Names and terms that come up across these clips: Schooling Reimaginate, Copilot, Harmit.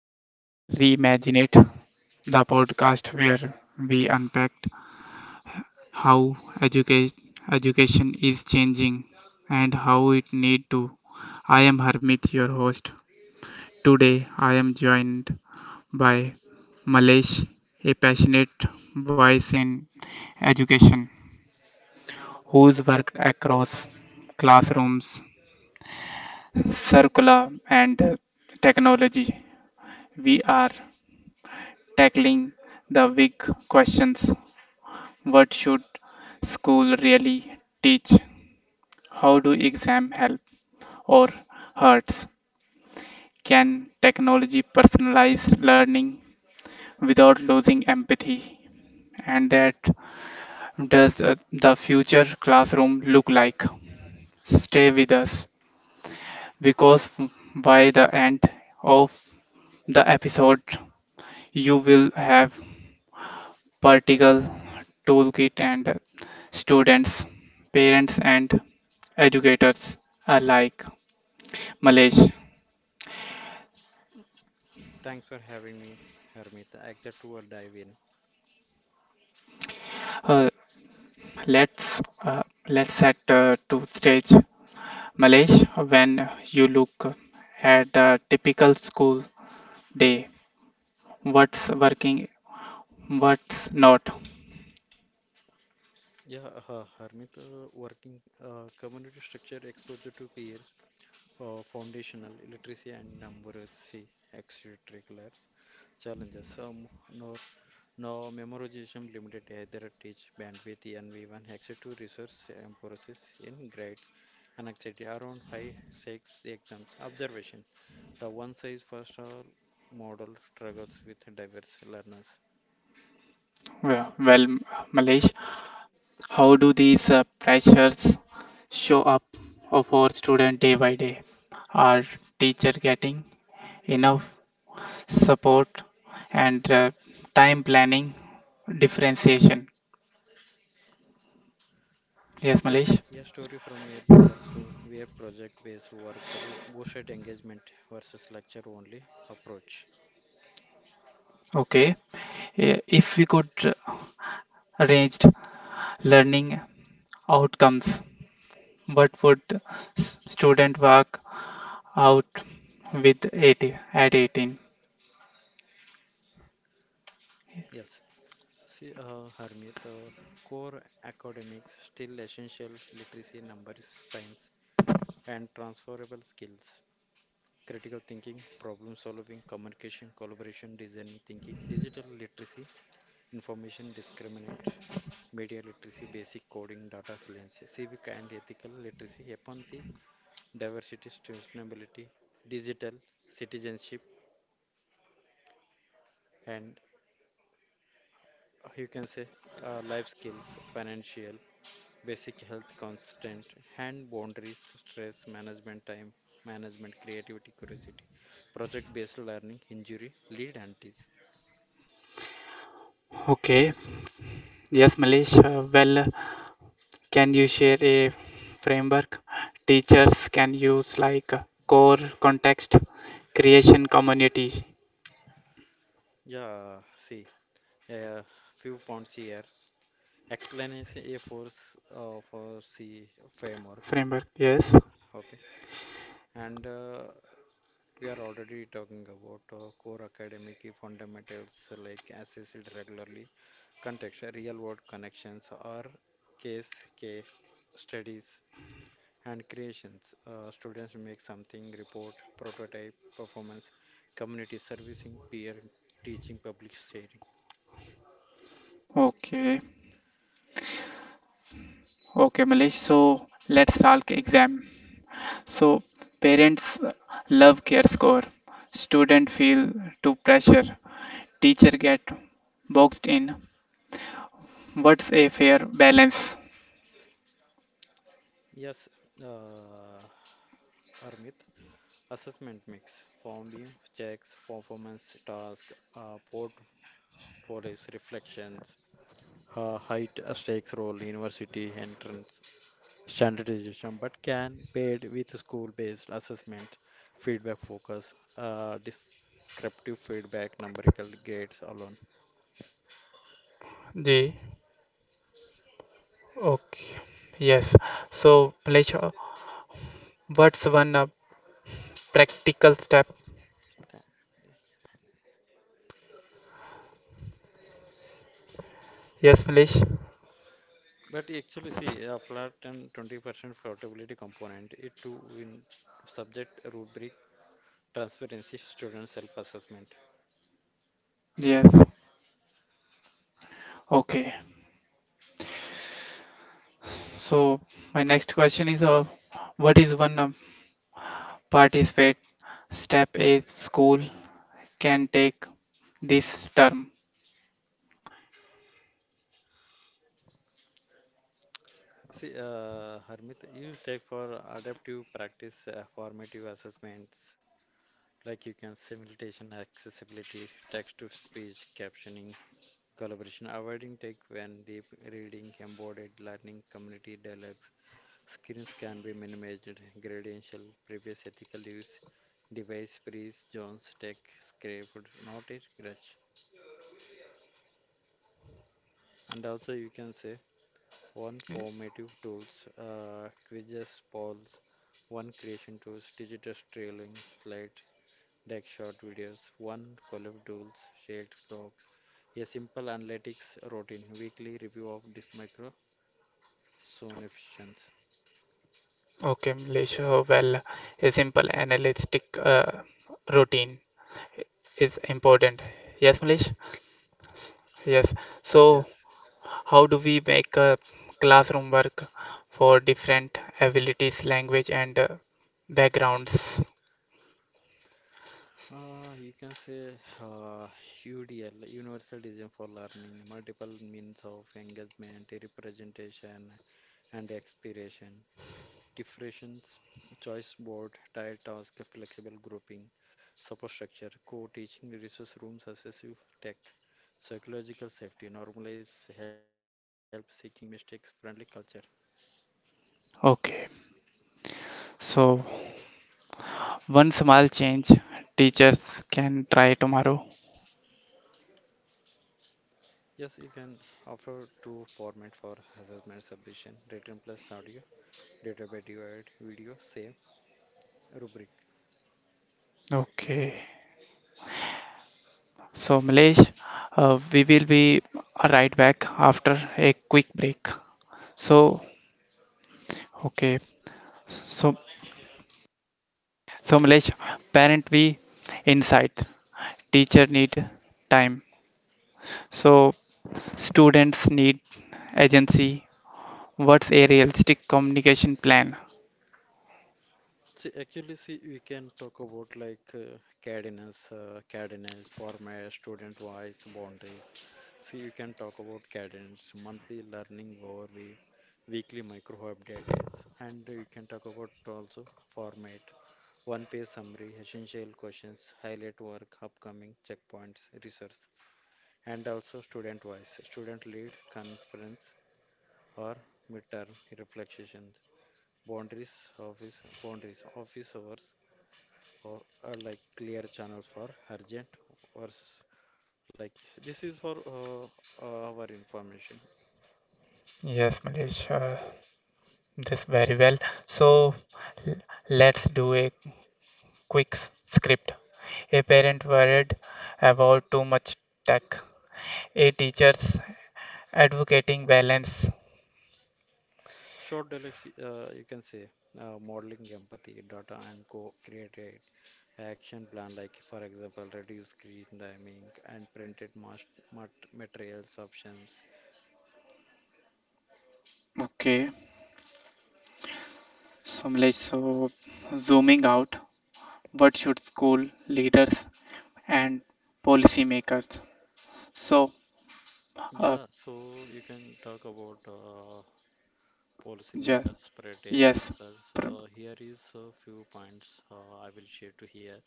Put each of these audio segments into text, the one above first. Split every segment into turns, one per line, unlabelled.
Schooling Reimaginate, the podcast where we unpack how education is changing and how it need to. I am Harmit, your host. Today I am joined by Malesh, a passionate voice in education who's worked across classrooms, curricula and technology. We are tackling the big questions. What should school really teach? How do exam help or hurts? Can technology personalize learning without losing empathy? And that does the future classroom look like? Stay with us, because by the end of the episode, you will have practical toolkit and students, parents, and educators alike. Malaysia. Uh, let's uh, let's set to stage, Malaysia. When you look at the typical school day, what's working, what's not?
Yeah, Harmit, working community structure exposure to peers, foundational literacy and numeracy extracurriculars challenges. Some no now, memorization limited either teach bandwidth and we one access to resource and process in grades and anxiety around high stakes exams. Observation the one size fits all model struggles with diverse learners.
Well, Malaysia, how do these pressures show up for student day by day? Are teacher getting enough support and time planning differentiation? Yes,
Yeah,
Malaysia.
a story from a classroom where project based work bro- boosted engagement versus lecture only approach.
Okay. Eh, if we could ranged learning outcomes. What would student work out with 80 at 18?
Yes. See, Harmit, core academics still essential literacy, numbers, science, and transferable skills, critical thinking, problem solving, communication, collaboration, designing thinking, digital literacy, information discriminate, media literacy, basic coding, data fluency, civic and ethical literacy, empathy, diversity, sustainability, digital citizenship, and you can say life skills, financial, basic health constant, hand boundaries, stress management, time management, creativity, curiosity, project based learning injury lead antis.
Okay, yes, Malish. Well, can you share a framework teachers can use like core context creation community
Yeah, see, a few points here, explanation a force for C framework.
framework? Yes.
Okay. And we are already talking about core academic fundamentals like assessed regularly, context real world connections, or case case studies and creations. Students make something, report, prototype, performance, community servicing, peer teaching, public sharing.
Okay. Okay, Malish. So let's talk exam. So parents love care score. Student feel too pressure. Teacher get boxed in, what's a fair balance?
Yes, uh, Armit. Assessment mix, form view, checks, performance, task, uh, portfolios, reflections, height, stakes role, university entrance, standardization, but can paired with school-based assessment, feedback focus, descriptive feedback, numerical grades alone.
G, okay, yes. So Malish, what's one practical step?
Tha-
Yes, Malish.
But actually, see, a flat and 20% floatability component, it to win subject rubric transparency, students self-assessment.
Yes. Okay, so my next question is, what is one participate step a school can take this term?
See, Harmit, you take for adaptive practice, formative assessments, like you can simulation, accessibility, text-to-speech, captioning, collaboration, avoiding take when deep reading, embodied learning, community dialogue. Screens can be minimized, gradential, previous ethical use, device breeze, Jones Tech, scraped, not a grudge. And also, you can say one formative tools, quizzes, polls, one creation tools, digital trailing, slide, deck, short videos, one collab tools, shared docs, a simple analytics routine, weekly review of the micro zone efficiency.
Okay, Malish, well, a simple analytic routine is important. Yes, Malish. Yes. So
Yes.
how do we make a classroom work for different abilities, language, and backgrounds?
You can say uh, UDL, Universal Design for Learning, multiple means of engagement, representation, and expiration, differentiations, choice board, tile task, flexible grouping, support structure, co-teaching, resource rooms, assessive tech, psychological safety, normalize, help seeking, mistakes, friendly culture.
Okay. So, one small change teachers can try tomorrow.
Yes, you can offer two format for assessment submission, written plus audio, data by divide, video, save, rubric.
Okay. So, Milesh, we will be right back after a quick break. So, okay. So, so Milesh, parent we insight, teacher need time. So, students need agency. What's a realistic communication plan?
See, actually, see, we can talk about like cadence, format, student wise, boundaries. See, you can talk about cadence, monthly learning overview, weekly micro updates, and you can talk about also format, one page summary, essential questions, highlight work, upcoming checkpoints, research, and also student wise, student lead, conference, or midterm reflections, boundaries, office, office hours or like clear channels for urgent or s- like this is for our information.
Yes, Malesh, this very well. So, l- let's do a quick script. A parent worried about too much tech. A teacher's advocating balance.
Short dialects, you can say modeling empathy data and co-created action plan, like for example reduce screen timing and materials options.
Okay, so Malesh, so zooming out, what should school leaders and policymakers? So, uh,
Yeah, so you can talk about
yes,
policymakers spread
yes,
agents. So
pr-
here is a few points, I will share to here.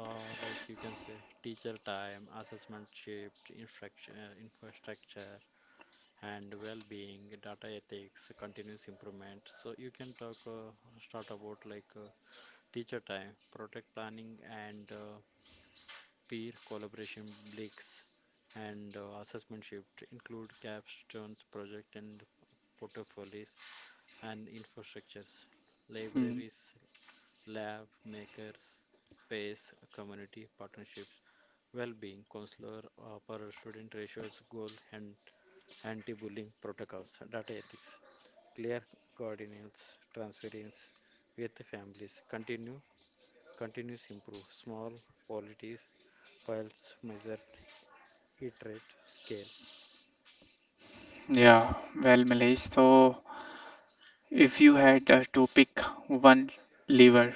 Or like you can say, teacher time, assessment shift, infrastructure, and well-being, data ethics, continuous improvement. So you can talk start about like teacher time, project planning, and peer collaboration breaks, and assessment shift include capstones, project and portfolios, and infrastructures,
hmm,
libraries, lab, makers, space, community partnerships, well-being, counselor, per student ratios, goal, and anti-bullying protocols, data ethics, clear coordinates transference with families, continuous improve, small qualities, files, measure, iterate, scale.
yeah, well, Malesh. So, if you had to pick one lever,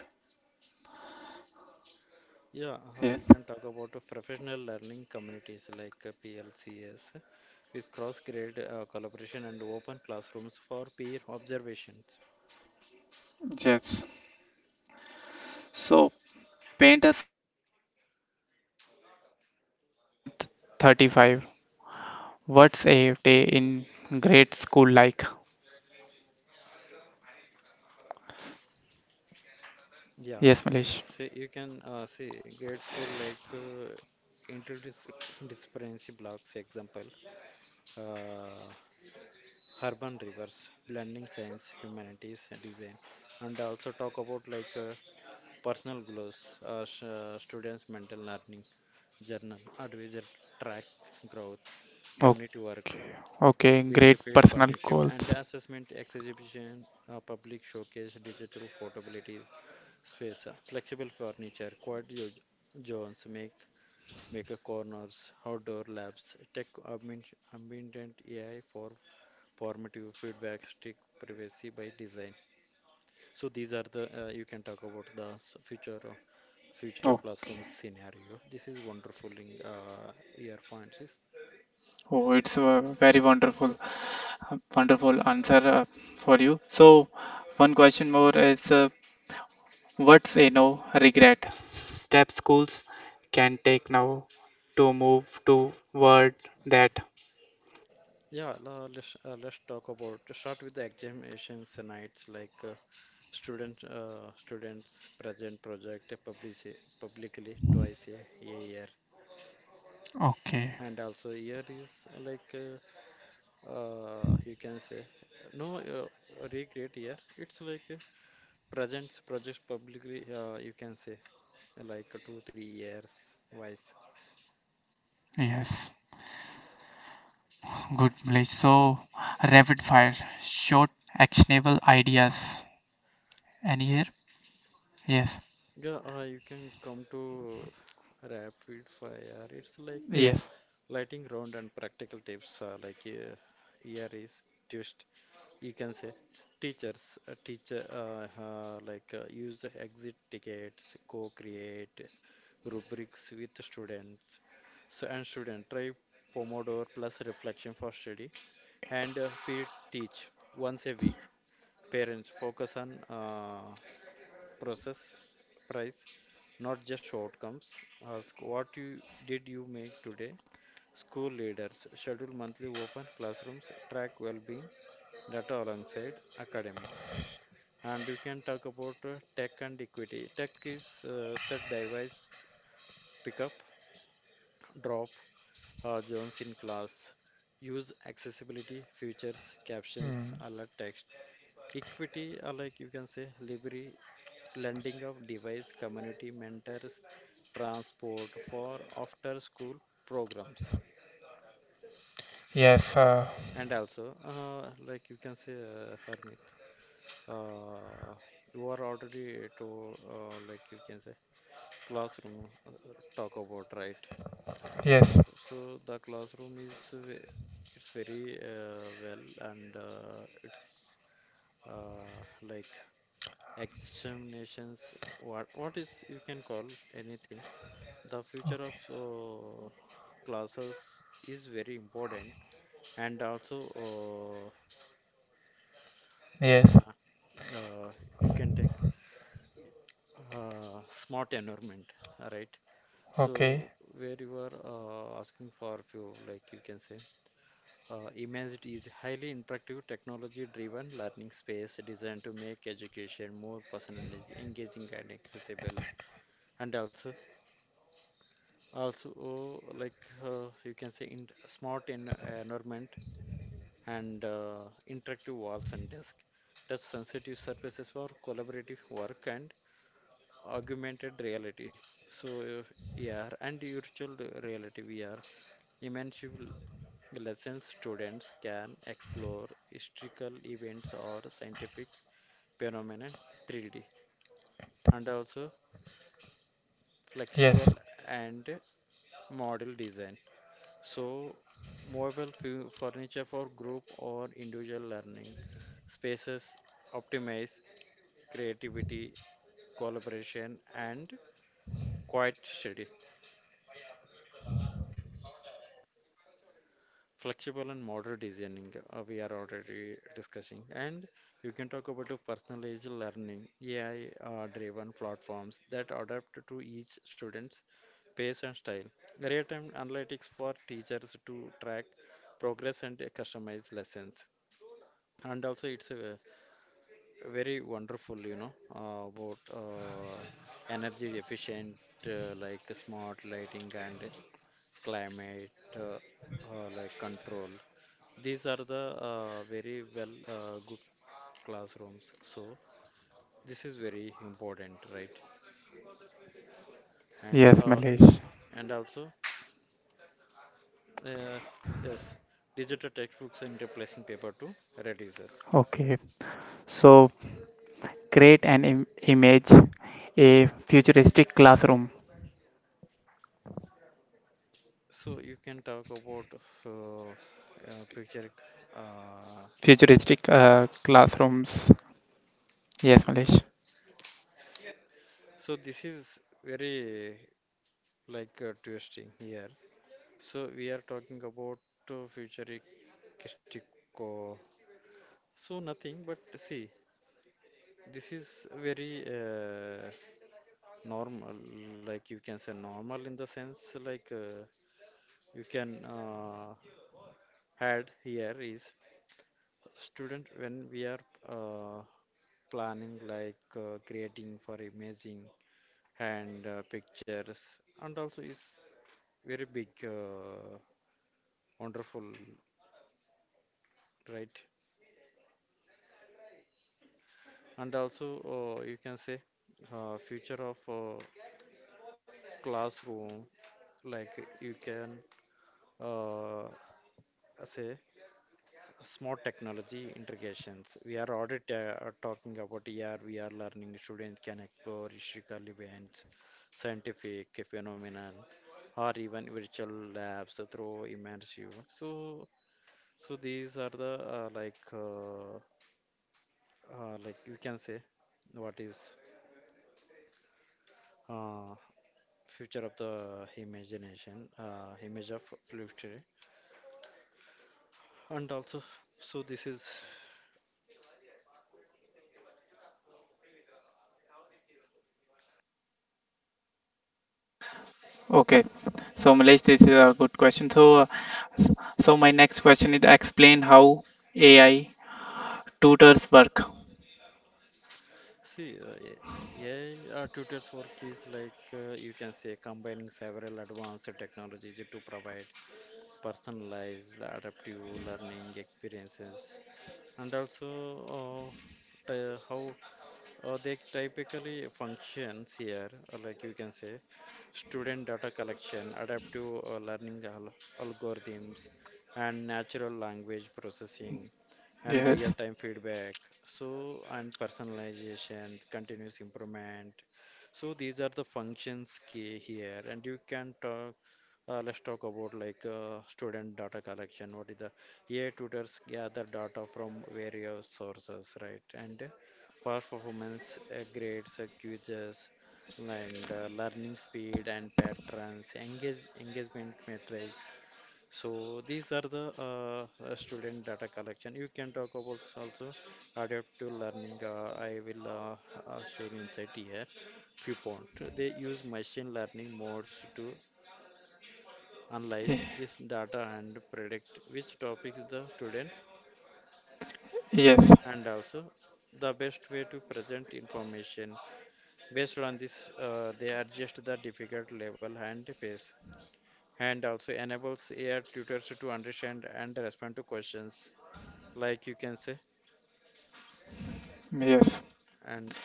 Yeah, you
yes,
can talk about professional learning communities like PLCS with cross-grade collaboration and open classrooms for peer observations.
yes. So paint us a picture. Year 2035. What's a day in grade school like?
Yeah,
Yes, Malesh.
see, you can see grade school like interdisciplinary blocks, example, uh, urban rivers, blending science, humanities, and design, and also talk about like personal growth, student's mental learning journal, advisor track growth, community work,
Okay, okay.
weekly
Great
field
personal
partnership and
goals.
assessment exhibition, public showcase, digital photoabilities, space, flexible furniture, zones, maker corners, outdoor labs, ambient AI for formative feedback, stick privacy by design. So these are the you can talk about future future classroom
Okay.
scenario. This is wonderful in year points. Is,
Oh, it's a very wonderful, wonderful answer for you. So, one question more is, what's a no regret step schools can take now to move toward that?
yeah. Let's let's talk about to start with the examinations and nights, like students present project publicly twice a year
Okay,
and also year is like you can say no recreate year. It's like presents projects publicly. You can say like 2 3 years wise.
yes, good, Mlesh. So, rapid fire, short, actionable ideas. Any here? Yes,
Yeah, you can come to rapid fire, it's like
yes,
lighting round and practical tips, like here is twist, you can say teachers, teacher like use the exit tickets, co-create rubrics with the students, so and student try pomodoro plus reflection for study, and peer teach once a week. Parents focus on process price, not just outcomes. Ask what you did you make today. School leaders schedule monthly open classrooms, track well-being data alongside academics. And you can talk about tech and equity. Tech is, set device pickup, drop, Jones in class. Use accessibility features, captions,
hmm,
alert text. Equity, or like you can say, library lending of device, community mentors, transport for after school programs.
yes,
And also, like you can say, Hermit, uh, you are already to, like you can say, classroom talk about, right?
yes,
So, so the classroom it's very well, and it's uh, like examinations. What is you can call anything? The future
okay,
of classes is very important, and also
yes,
na- uh, you can take smart environment, right?
okay,
So where you are asking for few, like you can say, imagine is highly interactive, technology-driven learning space designed to make education more personalized, engaging, and accessible. And also, also like you can say, in smart en environment, and interactive walls and desk, touch sensitive surfaces for collaborative work and augmented reality. So, if AR and virtual reality VR, immersive lessons, students can explore historical events or scientific phenomena 3D, and also flexible
yes,
and model design. So, furniture for group or individual learning, spaces optimize creativity, collaboration, and quiet study. Flexible and modern designing, we are already discussing. And you can talk about the personalized learning, AI driven platforms that adapt to each student's pace and style. Real time analytics for teachers to track progress and customize lessons, and also it's very wonderful, you know, about energy efficient, like smart lighting and climate, uh, like control. These are the very well good classrooms. So this is very important, right? And
yes,
uh,
Mlesh.
and also, uh, yes, digital textbooks and replacing paper too. Reduces.
Okay, so create an image, a futuristic classroom.
So you can talk about uh, picture. Uh,
Futuristic classrooms. Yes, Malesh.
So this is very like twisting here. So we are talking about futuristic. uh, So nothing, but see, this is very normal. Like you can say normal in the sense like you can add here is student when we are uh, planning like creating for imaging and pictures, and also is very big. Wonderful, right? And also, you can say future of classroom, like you can uh, say smart technology integrations. We are already talking about AR, VR learning. Students can explore historical events, scientific phenomenon, or even virtual labs through immersive. So, so these are the like you can say what is. Uh, Future of the imagination, image of future, and also so this is.
Okay, so Malesh, this is a good question. So, so my next question is explain how AI tutors work.
See, AI tutors work is like you can say combining several advanced technologies to provide personalized adaptive learning experiences, and also uh, how they typically functions here, like you can say, student data collection, adaptive algorithms, and natural language processing, and
Yes.
real-time feedback. So, and personalization, continuous improvement. So these are the functions key here, and you can talk let's talk about like student data collection. What is the AI tutors gather data from various sources, right? And past performance, grades, quizzes, and learning speed and patterns, engagement metrics. So these are the student data collection. You can talk about also adaptive learning. I will share insight here. Few point. They use machine learning modes to analyze
Ye-
this data and predict which topics the students,
Yes.
and also the best way to present information. Based on this, they adjust the difficult level and pace, and also enables AI tutors to understand and respond to questions, like you can say,
Yes.
and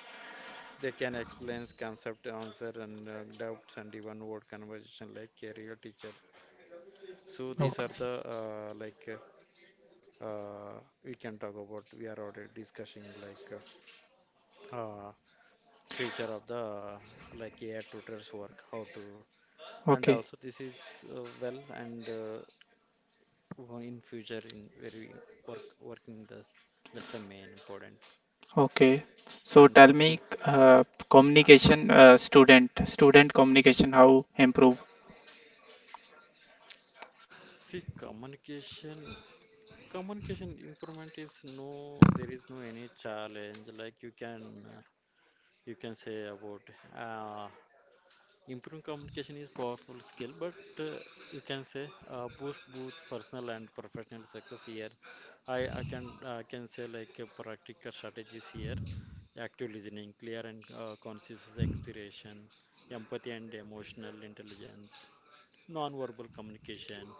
they can explain concept answer and doubts and even word conversation like career teacher. So these
Okay.
are the like uh, we can talk about, we are already discussing like uh, future of the like AI tutors work, how to, and
Okay.
also this is well and in future in very work working the, that's the main important.
Okay. So
And
tell
also
me,
uh,
communication, student communication, how improve?
see, communication improvement is no, there is no any challenge like you can say about uh, improving communication is powerful skill, but you can say boost both personal and professional success here. I can say like practical strategies here: active listening, clear and conscious expression, empathy and emotional intelligence, non-verbal communication.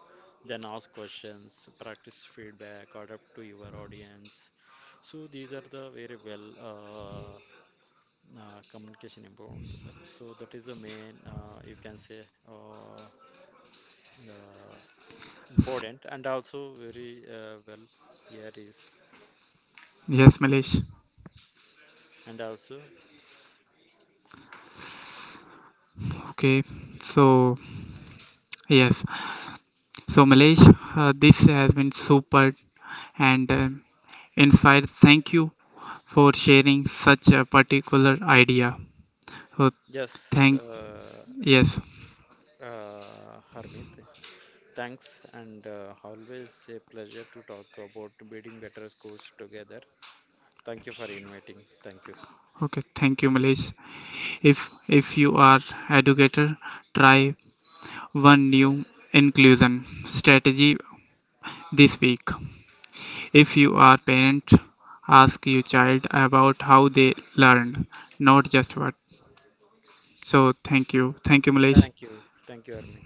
Then ask questions, practice feedback, adapt to your audience. So these are the very well communication improvement. So that is the main, you can say, uh, important, and also very well here is.
Yes, Malesh.
And also,
Okay. So yes. So Malesh, this has been super and inspired, thank you for sharing such a particular idea. So
yes,
thank
uh,
yes.
uh, Harmit, thanks, and always a pleasure to talk about building better schools together. Thank you for inviting. Thank you.
Okay, thank you, Malesh. If you are educator, try one new inclusion strategy this week. If you are parent, ask your child about how they learned, not just what. So thank you. Thank you, Malesh.
Thank you. Thank you, Harmit.